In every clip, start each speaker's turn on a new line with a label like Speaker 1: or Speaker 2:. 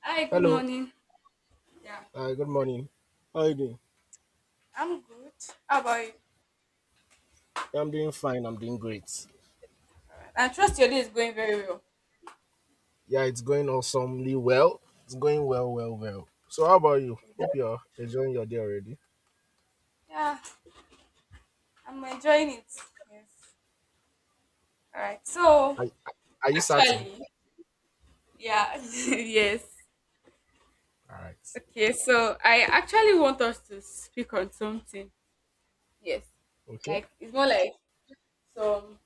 Speaker 1: Hi, good
Speaker 2: Hello.
Speaker 1: morning. Yeah,
Speaker 2: Good morning. How are you doing?
Speaker 1: I'm good. How about you?
Speaker 2: Yeah, I'm doing fine. I'm doing great.
Speaker 1: I trust your day is going very well.
Speaker 2: Yeah, it's going awesomely well. It's going well, well, well. So, how about you? Hope you're enjoying your day already.
Speaker 1: Yeah, I'm enjoying it. Yes. All right. So
Speaker 2: Are, are you certain?
Speaker 1: actually, yeah, yes.
Speaker 2: All right.
Speaker 1: Okay. So I actually want us to speak on something. Yes.
Speaker 2: Okay.
Speaker 1: Like it's more like some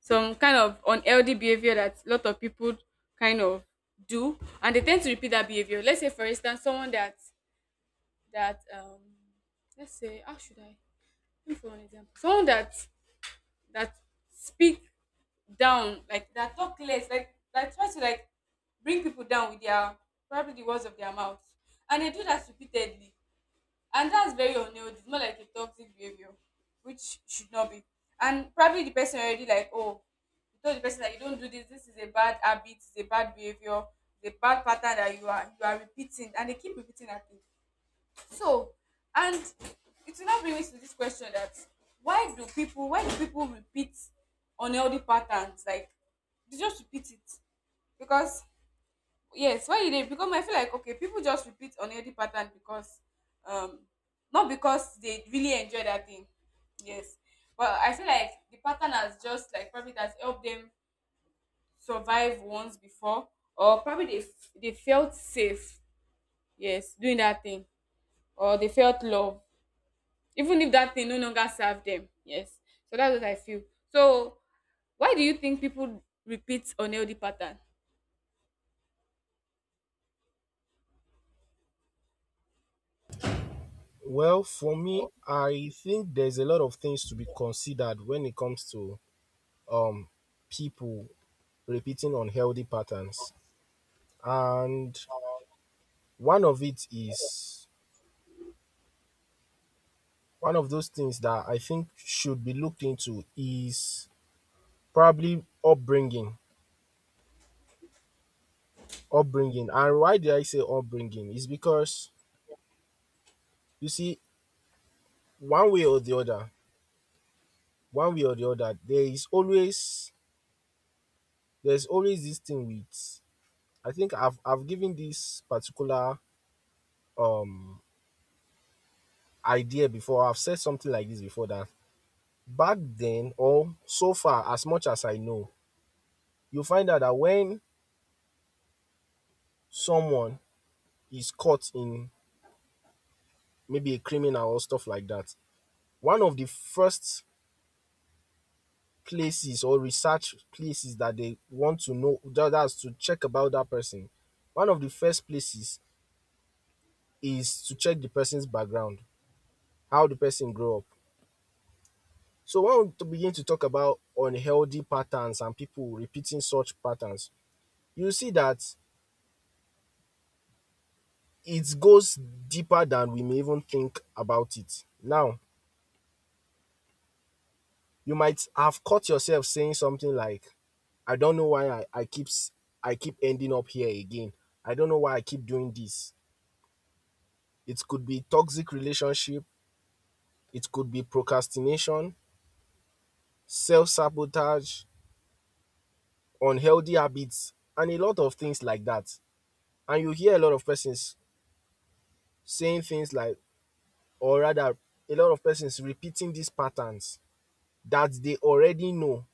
Speaker 1: some kind of unhealthy behavior that a lot of people kind of do, and they tend to repeat that behavior. Let's say, for instance, someone that that um, let's say, how should I? Give me one example. Someone that that speak down, like that talk less, like that try to like bring people down with their probably the words of their mouth, and they do that repeatedly, and that's very unhealthy. It's more like a toxic behavior, which should not be. And probably the person already like, oh, you told the person that you don't do this. This is a bad habit. It's a bad behavior. It's a bad pattern that you are repeating, and they keep repeating that thing. So, and it will now bring me to this question: that why do people repeat unhealthy patterns? Like they just repeat it because yes, why did they? Because I feel like okay, people just repeat unhealthy pattern because um not because they really enjoy that thing. Yes, but I feel like the pattern has just like probably that's helped them survive once before, or probably they felt safe. Yes, doing that thing, or they felt love even if that thing no longer serve them, yes. So that's what I feel. So why do you think people repeat unhealthy pattern?
Speaker 2: Well, for me, I think there's a lot of things to be considered when it comes to um people repeating unhealthy patterns. And one of it is one of those things that I think should be looked into is probably upbringing, upbringing. And why did I say upbringing? Is because you see, one way or the other, one way or the other, there is always there's always this thing with. I think I've given this particular um idea before. I've said something like this before that back then or so far as much as I know, you find out that when someone is caught in maybe a criminal or stuff like that, one of the first places or research places that they want to know that, that's to check about that person, one of the first places is to check the person's background, how the person grew up. So when we begin to talk about unhealthy patterns and people repeating such patterns, you see that it goes deeper than we may even think about it now. You might have caught yourself saying something like, I don't know why I keep, I keep ending up here again, I don't know why I keep doing this. It could be toxic relationship, it could be procrastination, self-sabotage, unhealthy habits, and a lot of things like that. And you hear a lot of persons saying things like, or rather, a lot of persons repeating these patterns that they already know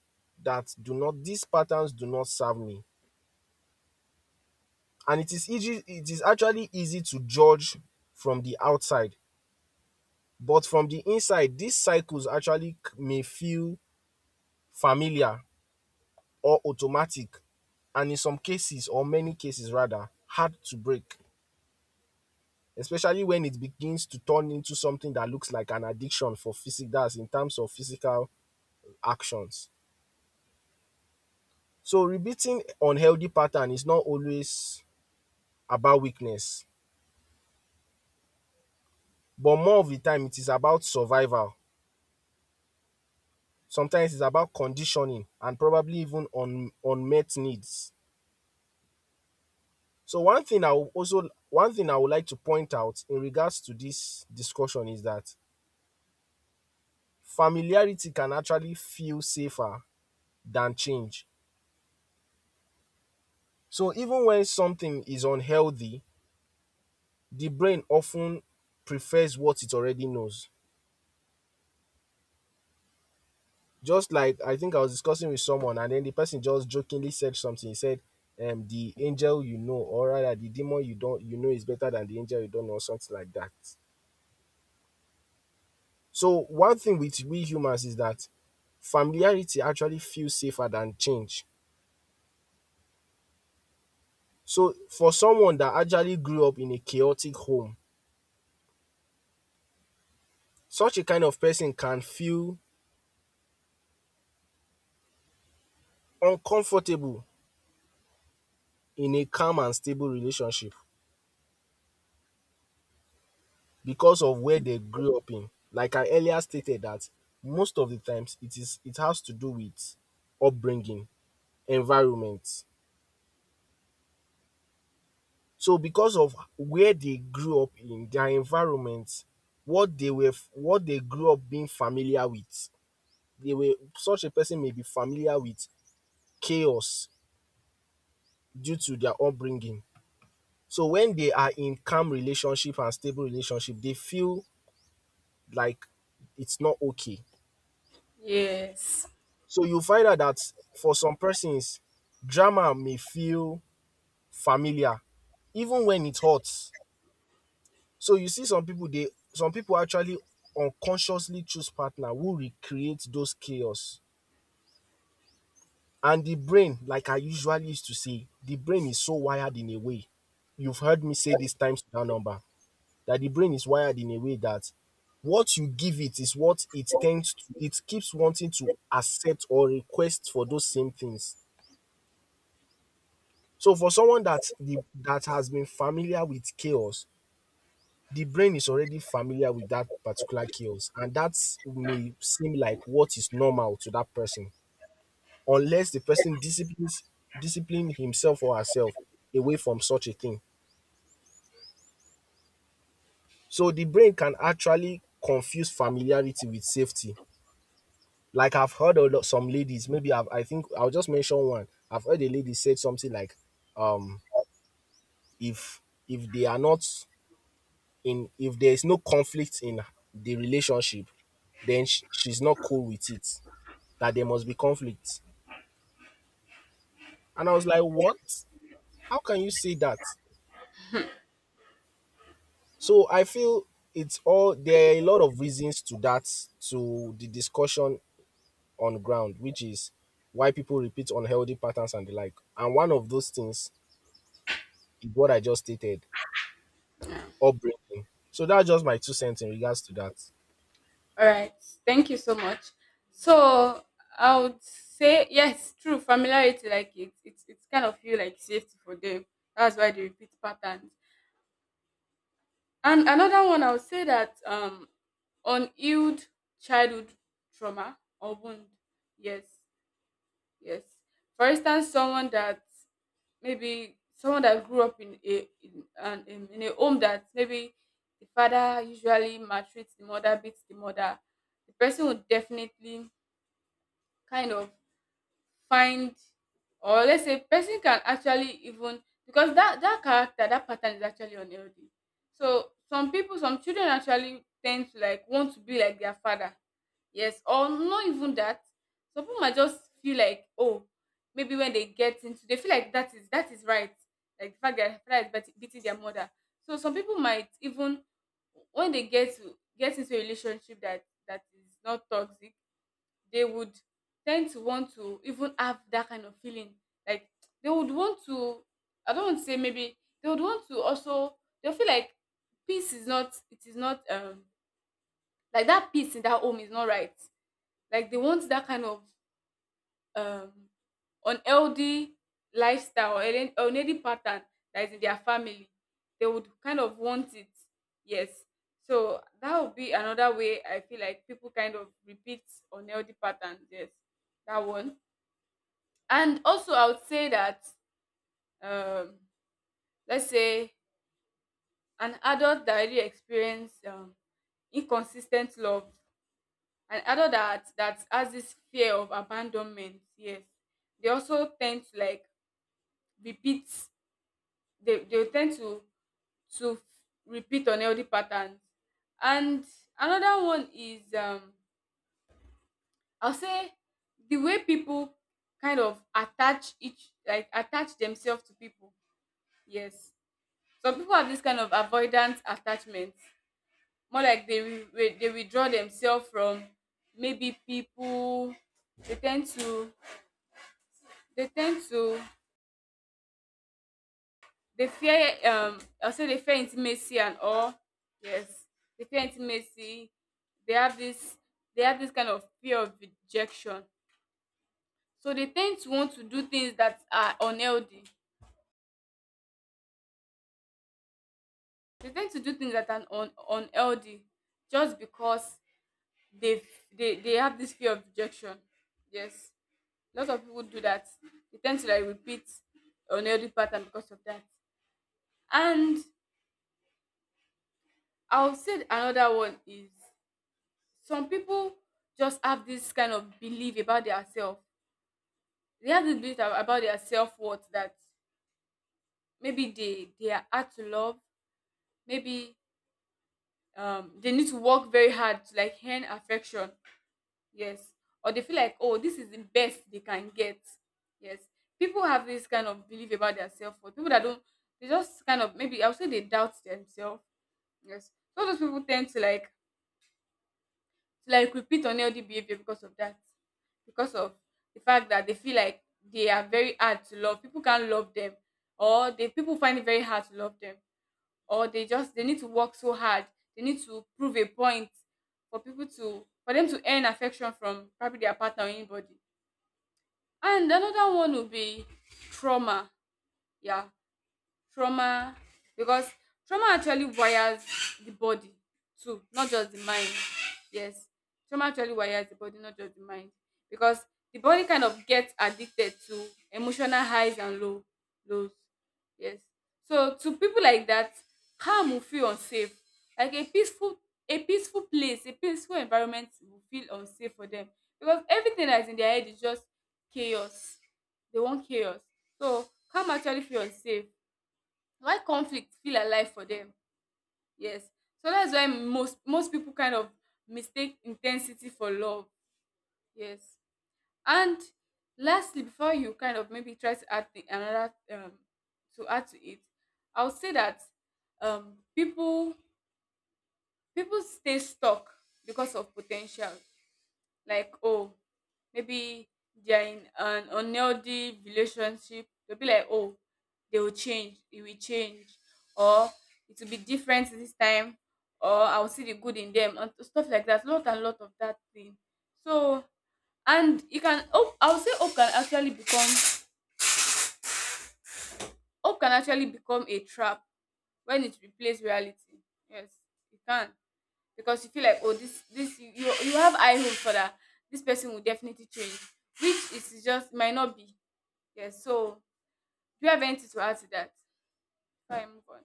Speaker 2: that do not, these patterns do not serve me. And it is easy, it is actually easy to judge from the outside. But from the inside, these cycles actually may feel familiar or automatic and in some cases, or many cases rather, hard to break, especially when it begins to turn into something that looks like an addiction for physic, in terms of physical actions. So repeating unhealthy pattern is not always about weakness, but more of the time it is about survival. Sometimes it's about conditioning and probably even unmet needs. So one thing I would also one thing I would like to point out in regards to this discussion is that familiarity can actually feel safer than change. So even when something is unhealthy, the brain often prefers what it already knows. Just like I think I was discussing with someone, and then the person just jokingly said something. He said, "The angel you know, or rather, the demon you don't you know is better than the angel you don't know, or something like that." So one thing with we humans is that familiarity actually feels safer than change. So for someone that actually grew up in a chaotic home, such a kind of person can feel uncomfortable in a calm and stable relationship because of where they grew up in. Like I earlier stated that most of the times it is it has to do with upbringing, environment. So because of where they grew up in, their environment, what they were what they grew up being familiar with, they were such a person may be familiar with chaos due to their upbringing. So when they are in calm relationship and stable relationship, they feel like it's not okay.
Speaker 1: Yes.
Speaker 2: So you find out that for some persons, drama may feel familiar even when it hurts. So you see some people they some people actually unconsciously choose partner who recreate those chaos. And the brain, like I usually used to say, the brain is so wired in a way. You've heard me say this times that number that the brain is wired in a way that what you give it is what it tends to it keeps wanting to accept or request for those same things. So for someone that the that has been familiar with chaos, the brain is already familiar with that particular chaos, and that may seem like what is normal to that person, unless the person disciplines discipline himself or herself away from such a thing. So the brain can actually confuse familiarity with safety. Like I've heard a lot some ladies, maybe I've, I think I'll just mention one. I've heard a lady said something like, um, if if they are not in if there is no conflict in the relationship, then she's not cool with it. That there must be conflict. And I was like, what? How can you say that? So I feel it's all there are a lot of reasons to that, to the discussion on ground, which is why people repeat unhealthy patterns and the like. And one of those things is what I just stated, upbringing. So that's just my two cents in regards to that.
Speaker 1: All right. Thank you so much. So I would say yes, true. Familiarity, like it's kind of feel like safety for them. That's why they repeat patterns. And another one, I would say that unhealed childhood trauma or wound. Yes. Yes. For instance, someone that maybe someone that grew up in a in an in a home that maybe the father usually maltreats the mother, beats the mother, the person would definitely kind of find, or let's say person can actually even, because that character, that pattern is actually unhealthy. So some people, some children, actually tend to like want to be like their father. Yes, or not even that, some people might just feel like, oh, maybe when they get into, they feel like that is right, like the fact that their father is beating their mother. So some people might even, when they get into a relationship that is not toxic, they would tend to want to even have that kind of feeling. Like they would want to, I don't want to say, maybe they would want to also. They feel like peace is not, it is not, like that peace in that home is not right. Like they want that kind of um unhealthy lifestyle or unhealthy pattern that is in their family. They would kind of want it. Yes. So that would be another way I feel like people kind of repeat unhealthy patterns. Yes, that one. And also, I would say that, um, let's say, an adult that really experience inconsistent love, an adult that has this fear of abandonment, yes, they also tend to like repeat. They will tend to to repeat unhealthy patterns. And another one is, I'll say, the way people kind of attach each like attach themselves to people. Yes, some people have this kind of avoidance attachment, more like they they withdraw themselves from maybe people. They tend to they tend to they fear, I'll say, they fear intimacy and all. Yes, they fear intimacy. They have this they have this kind of fear of rejection. So they tend to want to do things that are unhealthy. They tend to do things that are unhealthy just because they they have this fear of rejection. Yes. Lots of people do that. They tend to like repeat unhealthy pattern because of that. And I'll say another one is, some people just have this kind of belief about their self. They have this belief about their self-worth: that maybe they are hard to love, maybe, they need to work very hard to like earn affection. Yes. Or they feel like, oh, this is the best they can get. Yes. People have this kind of belief about their self worth. People that don't, they just kind of, maybe I would say, they doubt themselves. Yes. So those people tend to like repeat unhealthy behavior because of that. Because of the fact that they feel like they are very hard to love. People can't love them. Or they, people find it very hard to love them. Or they just, they need to work so hard. They need to prove a point for people to, for them to earn affection from probably their partner or anybody. And another one would be trauma. Yeah, trauma, because trauma actually wires the body too, not just the mind. Yes, trauma actually wires the body, not just the mind, because the body kind of gets addicted to emotional highs and lows. Yes, so to people like that, harm will feel unsafe. Like a peaceful place, a peaceful environment will feel unsafe for them, because everything that's in their head is just chaos. They want chaos. So calm actually feel unsafe, why conflict feel alive for them. Yes. So that's why most people kind of mistake intensity for love. Yes. And lastly, before you kind of maybe try to add another, to add to it, I would say that people, people stay stuck because of potential. Like, oh, maybe they're in an unhealthy relationship, they'll be like, oh, they will change, it will change, or it will be different this time, or I'll see the good in them and stuff like that, lot and lot of that thing. So, and you can hope, I will say hope can actually become, hope can actually become a trap when it replaces reality. Yes, it can. Because you feel like, oh, this, you have high hope for that, this person will definitely change, which is just might not be. Yes. So do you have anything to add to that before move on?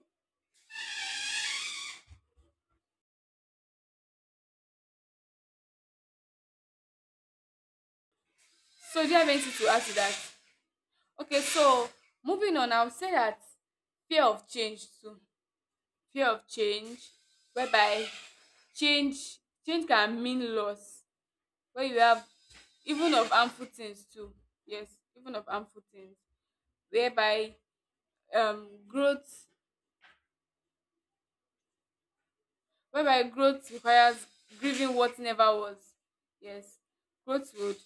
Speaker 1: So do you have anything to add to that? Okay, so moving on, I would say that fear of change too, fear of change, whereby change, change can mean loss, where you have, even of harmful things too, yes, even of harmful things, whereby growth, whereby growth requires grieving what never was. Yes, growth would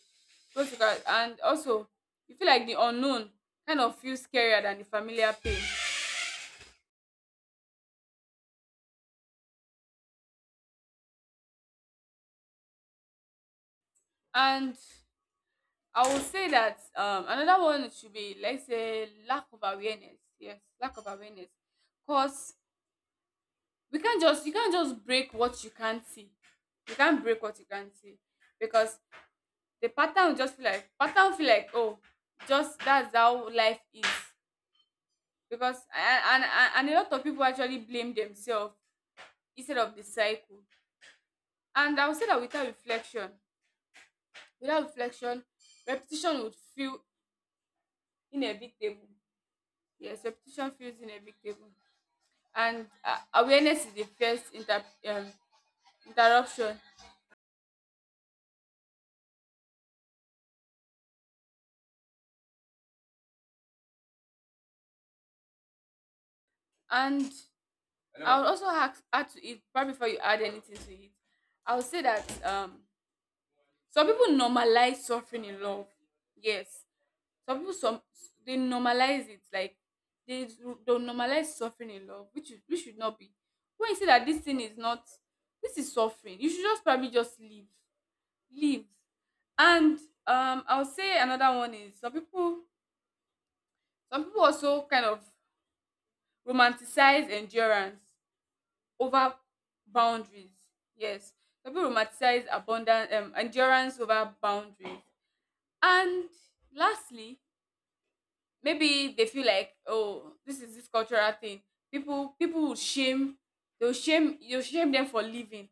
Speaker 1: growth requires, and also you feel like the unknown kind of feels scarier than the familiar pain. And I would say that, another one should be, let's say, lack of awareness. Yes, lack of awareness. Cause we can't just you can't just break what you can't see. You can't break what you can't see. Because the pattern will just feel like, pattern will feel like, oh, just that's how life is. Because and a lot of people actually blame themselves instead of the cycle. And I would say that without reflection, without reflection, repetition would feel inevitable. Yes, repetition feels inevitable. And awareness is the first interruption. And I would also ask, add to it, probably before you add anything to it, I would say that some people normalize suffering in love. Yes, some people, some, they normalize it. Like they don't, normalize suffering in love, which is, which should not be. When you say that this thing is not, this is suffering, you should just probably just leave. Leave. And I'll say another one is, some people, some people also kind of romanticize endurance over boundaries. Yes, some people romanticize abundant endurance over boundaries. And lastly, maybe they feel like, oh, this is this cultural thing, people, people will shame, they'll shame, you'll shame them for leaving.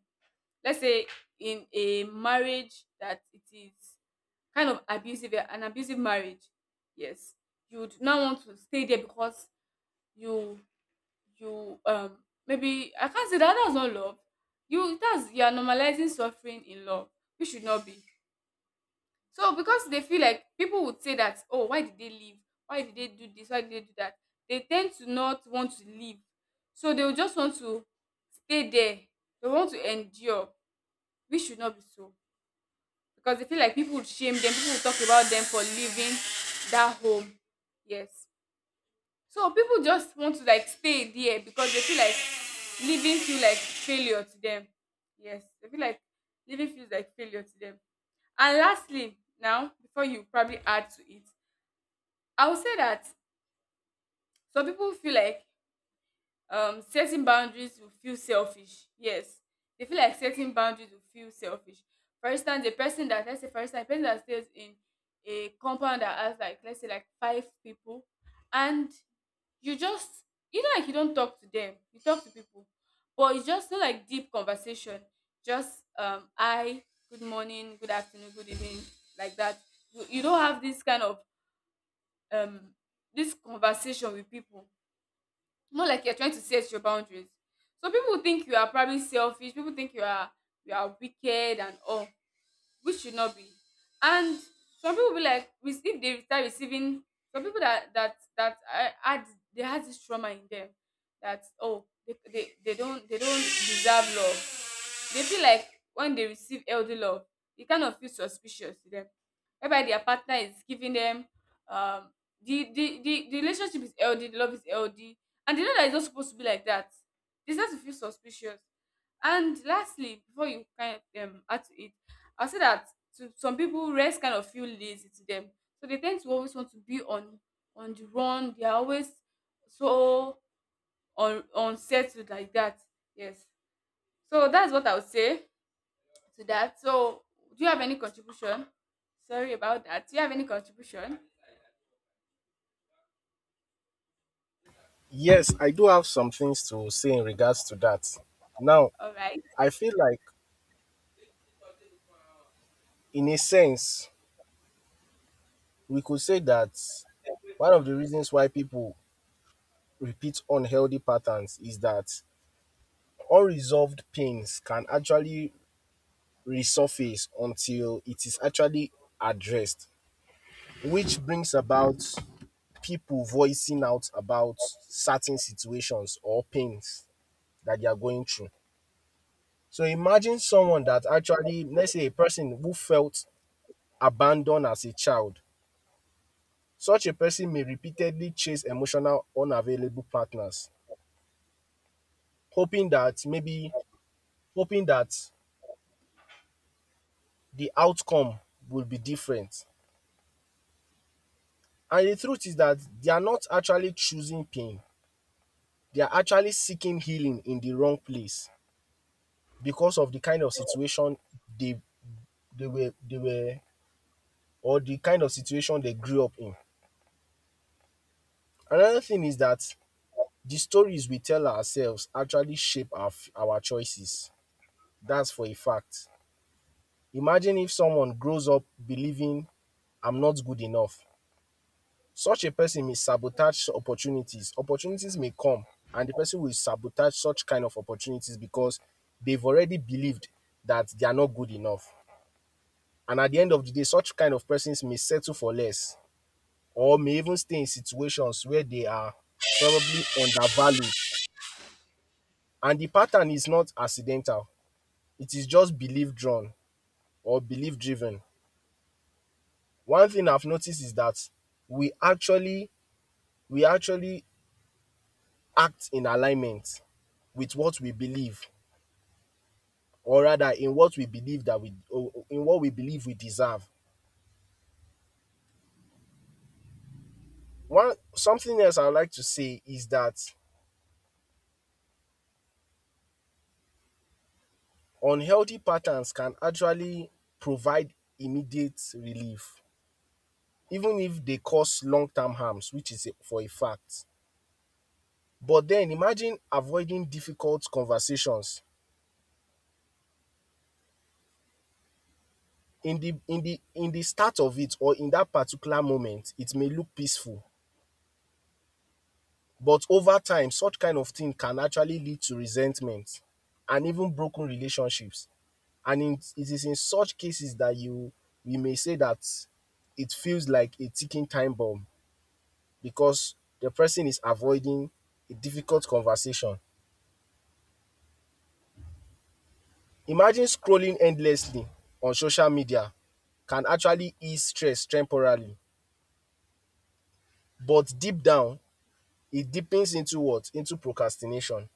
Speaker 1: Let's say in a marriage that it is kind of abusive, an abusive marriage. Yes, you would not want to stay there because you you, maybe I can't say that that's not love. You That's, you are normalizing suffering in love, which should not be. So because they feel like people would say that, oh, why did they leave? Why did they do this? Why did they do that? They tend to not want to leave. So they will just want to stay there. They want to endure. We should not be so. Because they feel like people would shame them, people would talk about them for leaving that home. Yes. So people just want to like stay there because they feel like leaving feel like failure to them. Yes. They feel like leaving feels like failure to them. And lastly, now before you probably add to it, I would say that some people feel like setting boundaries will feel selfish. Yes, they feel like setting boundaries will feel selfish. For instance, a person that, let's say for instance, a person that stays in a compound that has, like let's say, like five people, and you just, you know, like you don't talk to them, you talk to people, but it's just not like deep conversation. Just I good morning, good afternoon, good evening, like that. You don't have this kind of um this conversation with people. More like you're trying to set your boundaries. So people think you are probably selfish. People think you are, you are wicked and all, which should not be. And some people be like, if they start receiving, some people that had, they had this trauma in them, that oh, they don't, they don't deserve love. They feel like when they receive elder love, it kind of feels suspicious to them, whereby their partner is giving them, um the the relationship is healthy, the love is healthy, and they know that it's not supposed to be like that. They start to feel suspicious. And lastly, before you kind of add to it, I'll say that to some people rest kind of feel lazy to them. So they tend to always want to be on the run. They are always so unsettled like that. Yes. So that's what I would say to that. So, do you have any contribution? Sorry about that. Do you have any contribution?
Speaker 2: Yes, I do have some things to say in regards to that. Now,
Speaker 1: All right.
Speaker 2: I feel like, in a sense, we could say that one of the reasons why people repeat unhealthy patterns is that unresolved pains can actually resurface until it is actually addressed, which brings about people voicing out about certain situations or pains that they are going through. So imagine someone that actually, let's say a person who felt abandoned as a child. Such a person may repeatedly chase emotional unavailable partners, hoping that maybe hoping that the outcome will be different. And the truth is that they are not actually choosing pain. They are actually seeking healing in the wrong place because of the kind of situation they they were or the kind of situation they grew up in. Another thing is that the stories we tell ourselves actually shape our choices. That's for a fact. Imagine if someone grows up believing I'm not good enough. Such a person may sabotage opportunities. Opportunities may come and the person will sabotage such kind of opportunities because they've already believed that they are not good enough. And at the end of the day, such kind of persons may settle for less or may even stay in situations where they are probably undervalued. And the pattern is not accidental, it is just belief drawn or belief driven. One thing I've noticed is that we actually we actually act in alignment with what we believe or rather in what we believe that we in what we believe we deserve. One something else I would like to say is that unhealthy patterns can actually provide immediate relief even if they cause long-term harms, which is for a fact. But then imagine avoiding difficult conversations, in the in the in the start of it or in that particular moment it may look peaceful. But over time, such kind of thing can actually lead to resentment and even broken relationships. And in, it is in such cases that you we may say that it feels like a ticking time bomb because the person is avoiding a difficult conversation. Imagine scrolling endlessly on social media can actually ease stress temporarily, but deep down, it deepens into what? Into procrastination.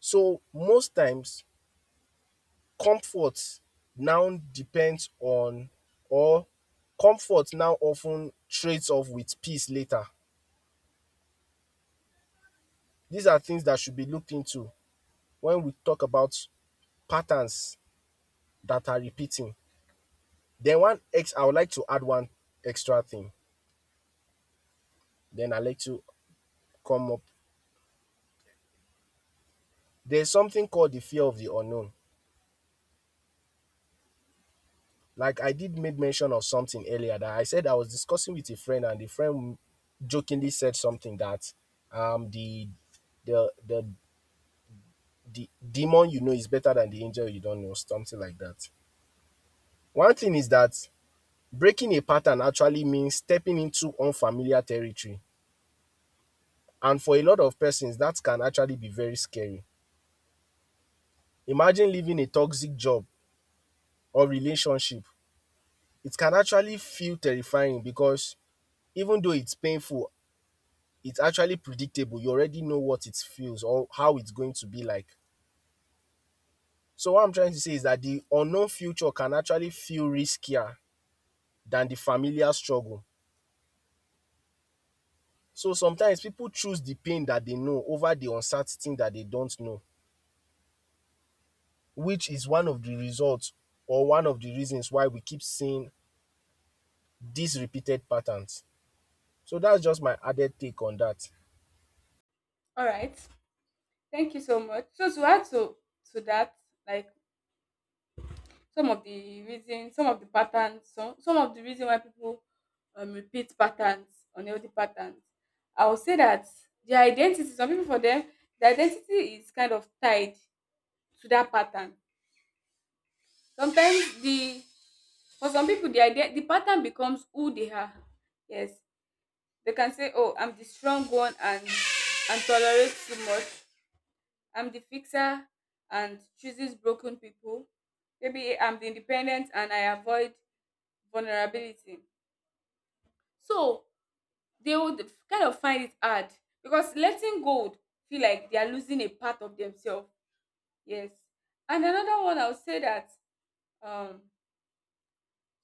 Speaker 2: So most times, comfort now depends on or comfort now often trades off with peace later. These are things that should be looked into when we talk about patterns that are repeating. Then one ex I would like to add one extra thing, then I'll let you come up. There's something called the fear of the unknown. Like I did make mention of something earlier that I said I was discussing with a friend and the friend jokingly said something that um the the the the demon you know is better than the angel you don't know, something like that. One thing is that breaking a pattern actually means stepping into unfamiliar territory. And for a lot of persons, that can actually be very scary. Imagine leaving a toxic job or relationship. It can actually feel terrifying because even though it's painful, it's actually predictable. You already know what it feels or how it's going to be like. So, what I'm trying to say is that the unknown future can actually feel riskier than the familiar struggle. So sometimes people choose the pain that they know over the uncertain that they don't know, which is one of the results or one of the reasons why we keep seeing these repeated patterns. So that's just my added take on that.
Speaker 1: All right. Thank you so much. So to add to that, like some of the reason, some of the patterns, some of the reason why people repeat patterns, unhealthy patterns. I would say that their identity, some people for them, the identity is kind of tied to that pattern. Sometimes the, for some people, the idea, the pattern becomes who they are. Yes. They can say, "Oh, I'm the strong one and tolerate too much. I'm the fixer and chooses broken people. Maybe I'm the independent and I avoid vulnerability." So they would kind of find it hard because letting go would feel like they are losing a part of themselves. Yes, and another one I'll say that um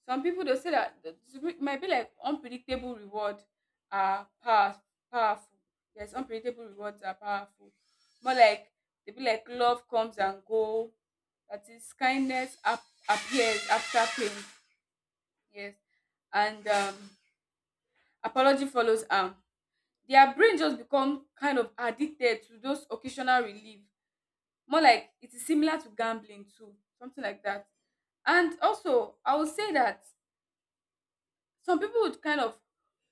Speaker 1: some people they'll say that it might be like unpredictable reward are power, powerful. Yes, unpredictable rewards are powerful. More like they be like love comes and go. That is, kindness appears after pain. Yes, and apology follows. Their brain just become kind of addicted to those occasional relief. More like it is similar to gambling too, something like that. And also, I would say that some people would kind of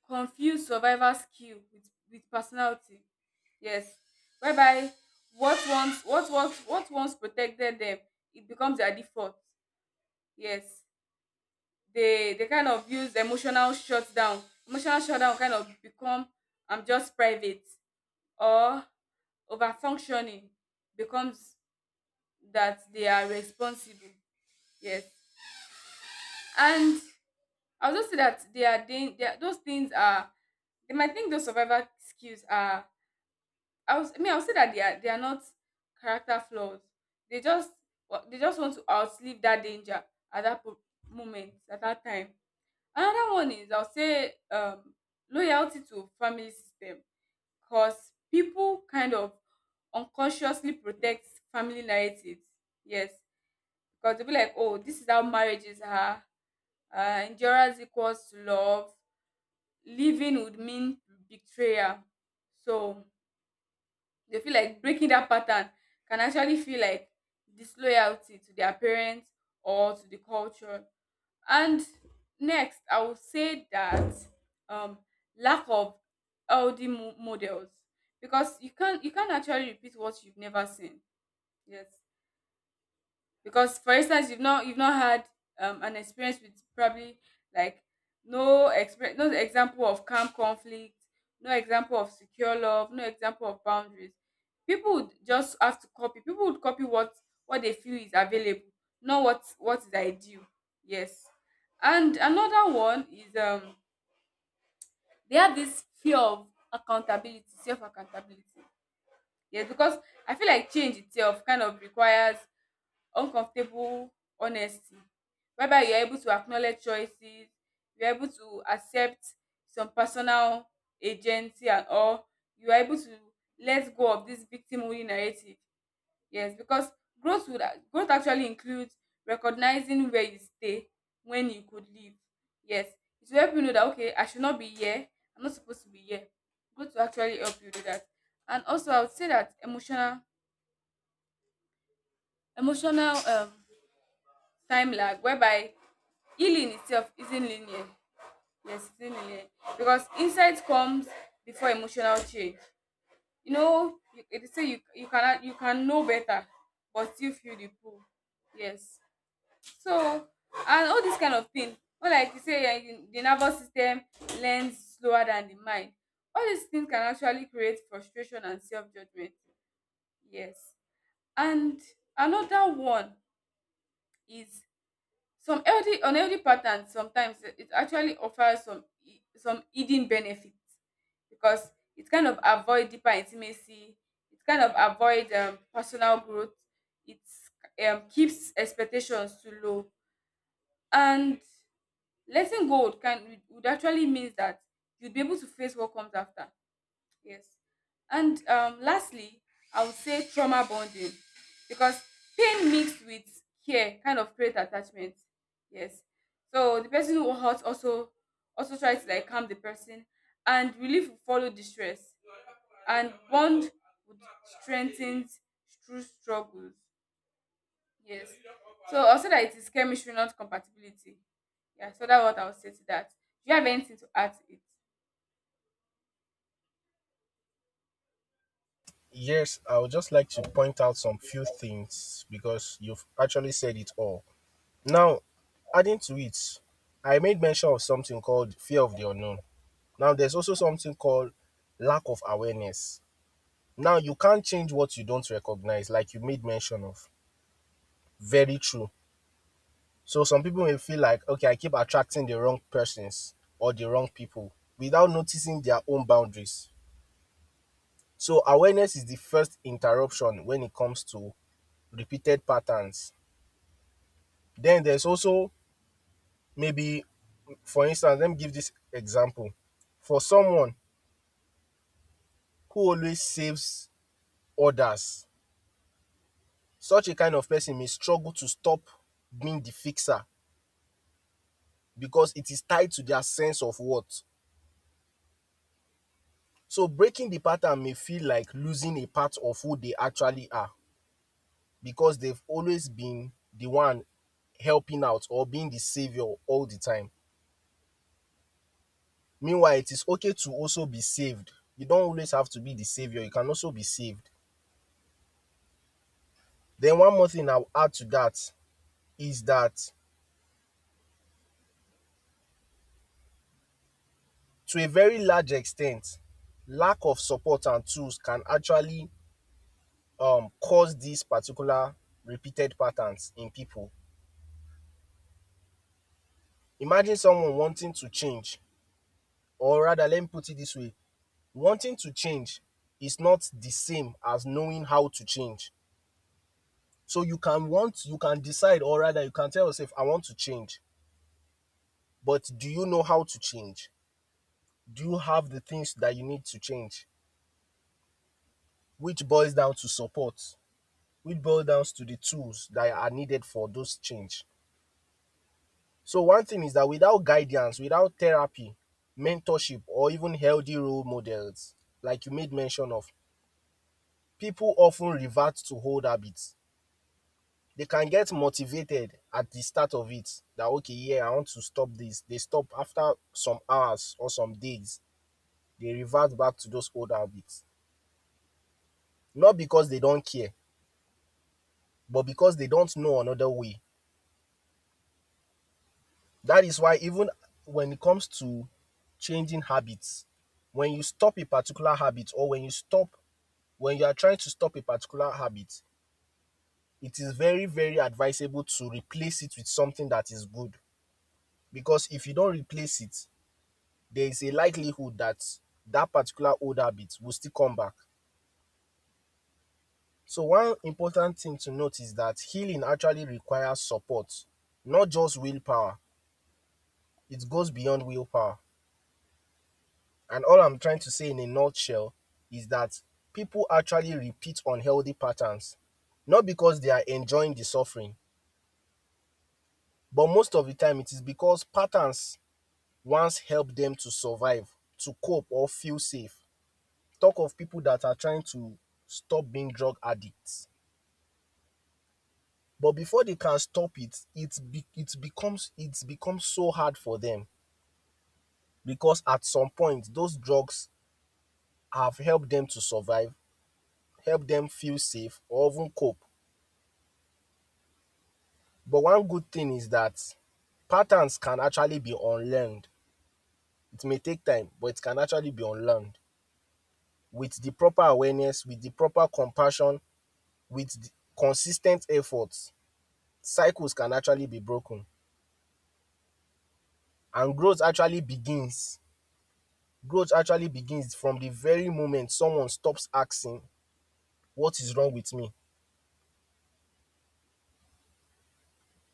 Speaker 1: confuse survival skill with personality. Yes, whereby what once protected them, it becomes their default. Yes, they kind of use emotional shutdown. Emotional shutdown kind of become, I'm just private, or over functioning becomes that they are responsible. Yes. And I also say that they are, they are, those things are, they might think those survival skills are, I was I mean, I would say that they are not character flaws. They just they just want to outlive that danger at that moment, at that time. Another one is, I'll say, loyalty to family system, because people kind of unconsciously protect family narratives. Yes, because they'll be like, oh, this is how marriages are. Endurance equals to love. Living would mean betrayal. So they feel like breaking that pattern can actually feel like disloyalty to their parents or to the culture. And next, I will say that um, lack of LD models, because you can't actually repeat what you've never seen. Yes, because for instance, you've not had, an experience with probably like, no experience, no example of calm conflict, no example of secure love, no example of boundaries. People would just have to copy, people would copy what they feel is available, not what is ideal. Yes. And another one is, they have this fear of accountability, self accountability. Yes, because I feel like change itself kind of requires uncomfortable honesty, whereby you are able to acknowledge choices, you are able to accept some personal agency and all. You are able to let go of this victim only narrative. Yes, because growth would growth actually includes recognizing where you stay when you could leave. Yes, it will help you know that, okay, I should not be here. I'm not supposed to be here. Growth will actually help you do that. And also, I would say that emotional emotional time lag, whereby healing itself isn't linear. Yes, it isn't linear, because insight comes before emotional change. You know, they say you, you cannot you can know better but still feel the pull. Yes. So, and all this kind of thing, or like you say, the nervous system learns slower than the mind. All these things can actually create frustration and self-judgment. Yes. And another one is, some healthy, unhealthy patterns sometimes, it actually offers some some hidden benefits, because it kind of avoid deeper intimacy, it kind of avoid, personal growth, it, keeps expectations too low. And letting go would, can, would actually means that you'd be able to face what comes after. Yes. And lastly, I would say trauma bonding, because pain mixed with care kind of create attachment. Yes. So the person who hurt also, try to like calm the person, and relief will follow distress, and bond would strengthen through struggles. Yes. So also that it is chemistry, not compatibility. Yeah, so that's what I would say to that. Do you have anything to add to it?
Speaker 2: Yes, I would just like to point out some few things because you've actually said it all. Now, adding to it, I made mention of something called fear of the unknown. Now, there's also something called lack of awareness. Now, you can't change what you don't recognize, like you made mention of. Very true. So some people may feel like, okay, I keep attracting the wrong persons or the wrong people without noticing their own boundaries. So awareness is the first interruption when it comes to repeated patterns. Then there's also maybe, for instance, let me give this example. For someone who always saves others, such a kind of person may struggle to stop being the fixer because it is tied to their sense of what. So breaking the pattern may feel like losing a part of who they actually are because they've always been the one helping out or being the savior all the time. Meanwhile, it is okay to also be saved. You don't always have to be the savior, you can also be saved. Then, one more thing I'll add to that is that, to a very large extent, lack of support and tools can actually cause these particular repeated patterns in people. Imagine someone wanting to change, or rather, let me put it this way: wanting to change is not the same as knowing how to change. So you can want, you can decide, or rather, you can tell yourself, I want to change. But do you know how to change? Do you have the things that you need to change? Which boils down to support, which boils down to the tools that are needed for those change. So one thing is that without guidance, without therapy, mentorship, or even healthy role models, like you made mention of, people often revert to old habits. They can get motivated at the start of it, that, okay, yeah, I want to stop this. They stop after some hours or some days, they revert back to those old habits, not because they don't care, but because they don't know another way. That is why, even when it comes to changing habits, when you stop a particular habit, or when you stop, when you are trying to stop a particular habit, it is very, very advisable to replace it with something that is good. Because if you don't replace it, there is a likelihood that that particular old habit will still come back. So one important thing to note is that healing actually requires support, not just willpower. It goes beyond willpower. And all I'm trying to say in a nutshell is that people actually repeat unhealthy patterns, not because they are enjoying the suffering, but most of the time it is because patterns once helped them to survive, to cope, or feel safe. Talk of people that are trying to stop being drug addicts. But before they can stop it, it becomes so hard for them, because at some point those drugs have helped them to survive, helped them feel safe or even cope. But one good thing is that patterns can actually be unlearned. It may take time, but it can actually be unlearned with the proper awareness, with the proper compassion, with the consistent efforts. Cycles can actually be broken and growth actually begins from the very moment someone stops asking, what is wrong with me?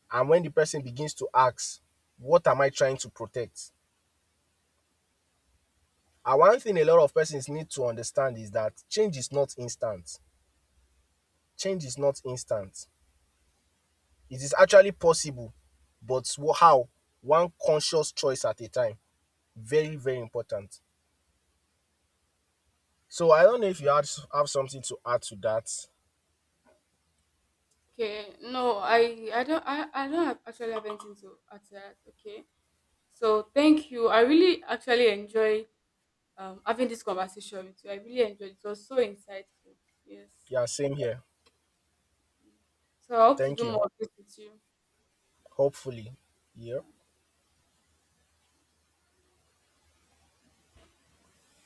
Speaker 2: And when the person begins to ask, what am I trying to protect? And one thing a lot of persons need to understand is that change is not instant. Change is not instant. It is actually possible, but how? One conscious choice at a time. Very, very important. So I don't know if have something to add to that.
Speaker 1: Okay, no, I don't have actually have anything to add to that. Okay, so thank you. I really actually enjoyed having this conversation with you. I really enjoyed it. It was so insightful. Yes.
Speaker 2: Yeah, same here.
Speaker 1: So I hope to
Speaker 2: Thank
Speaker 1: do
Speaker 2: you.
Speaker 1: more of this with you.
Speaker 2: Hopefully. Yeah.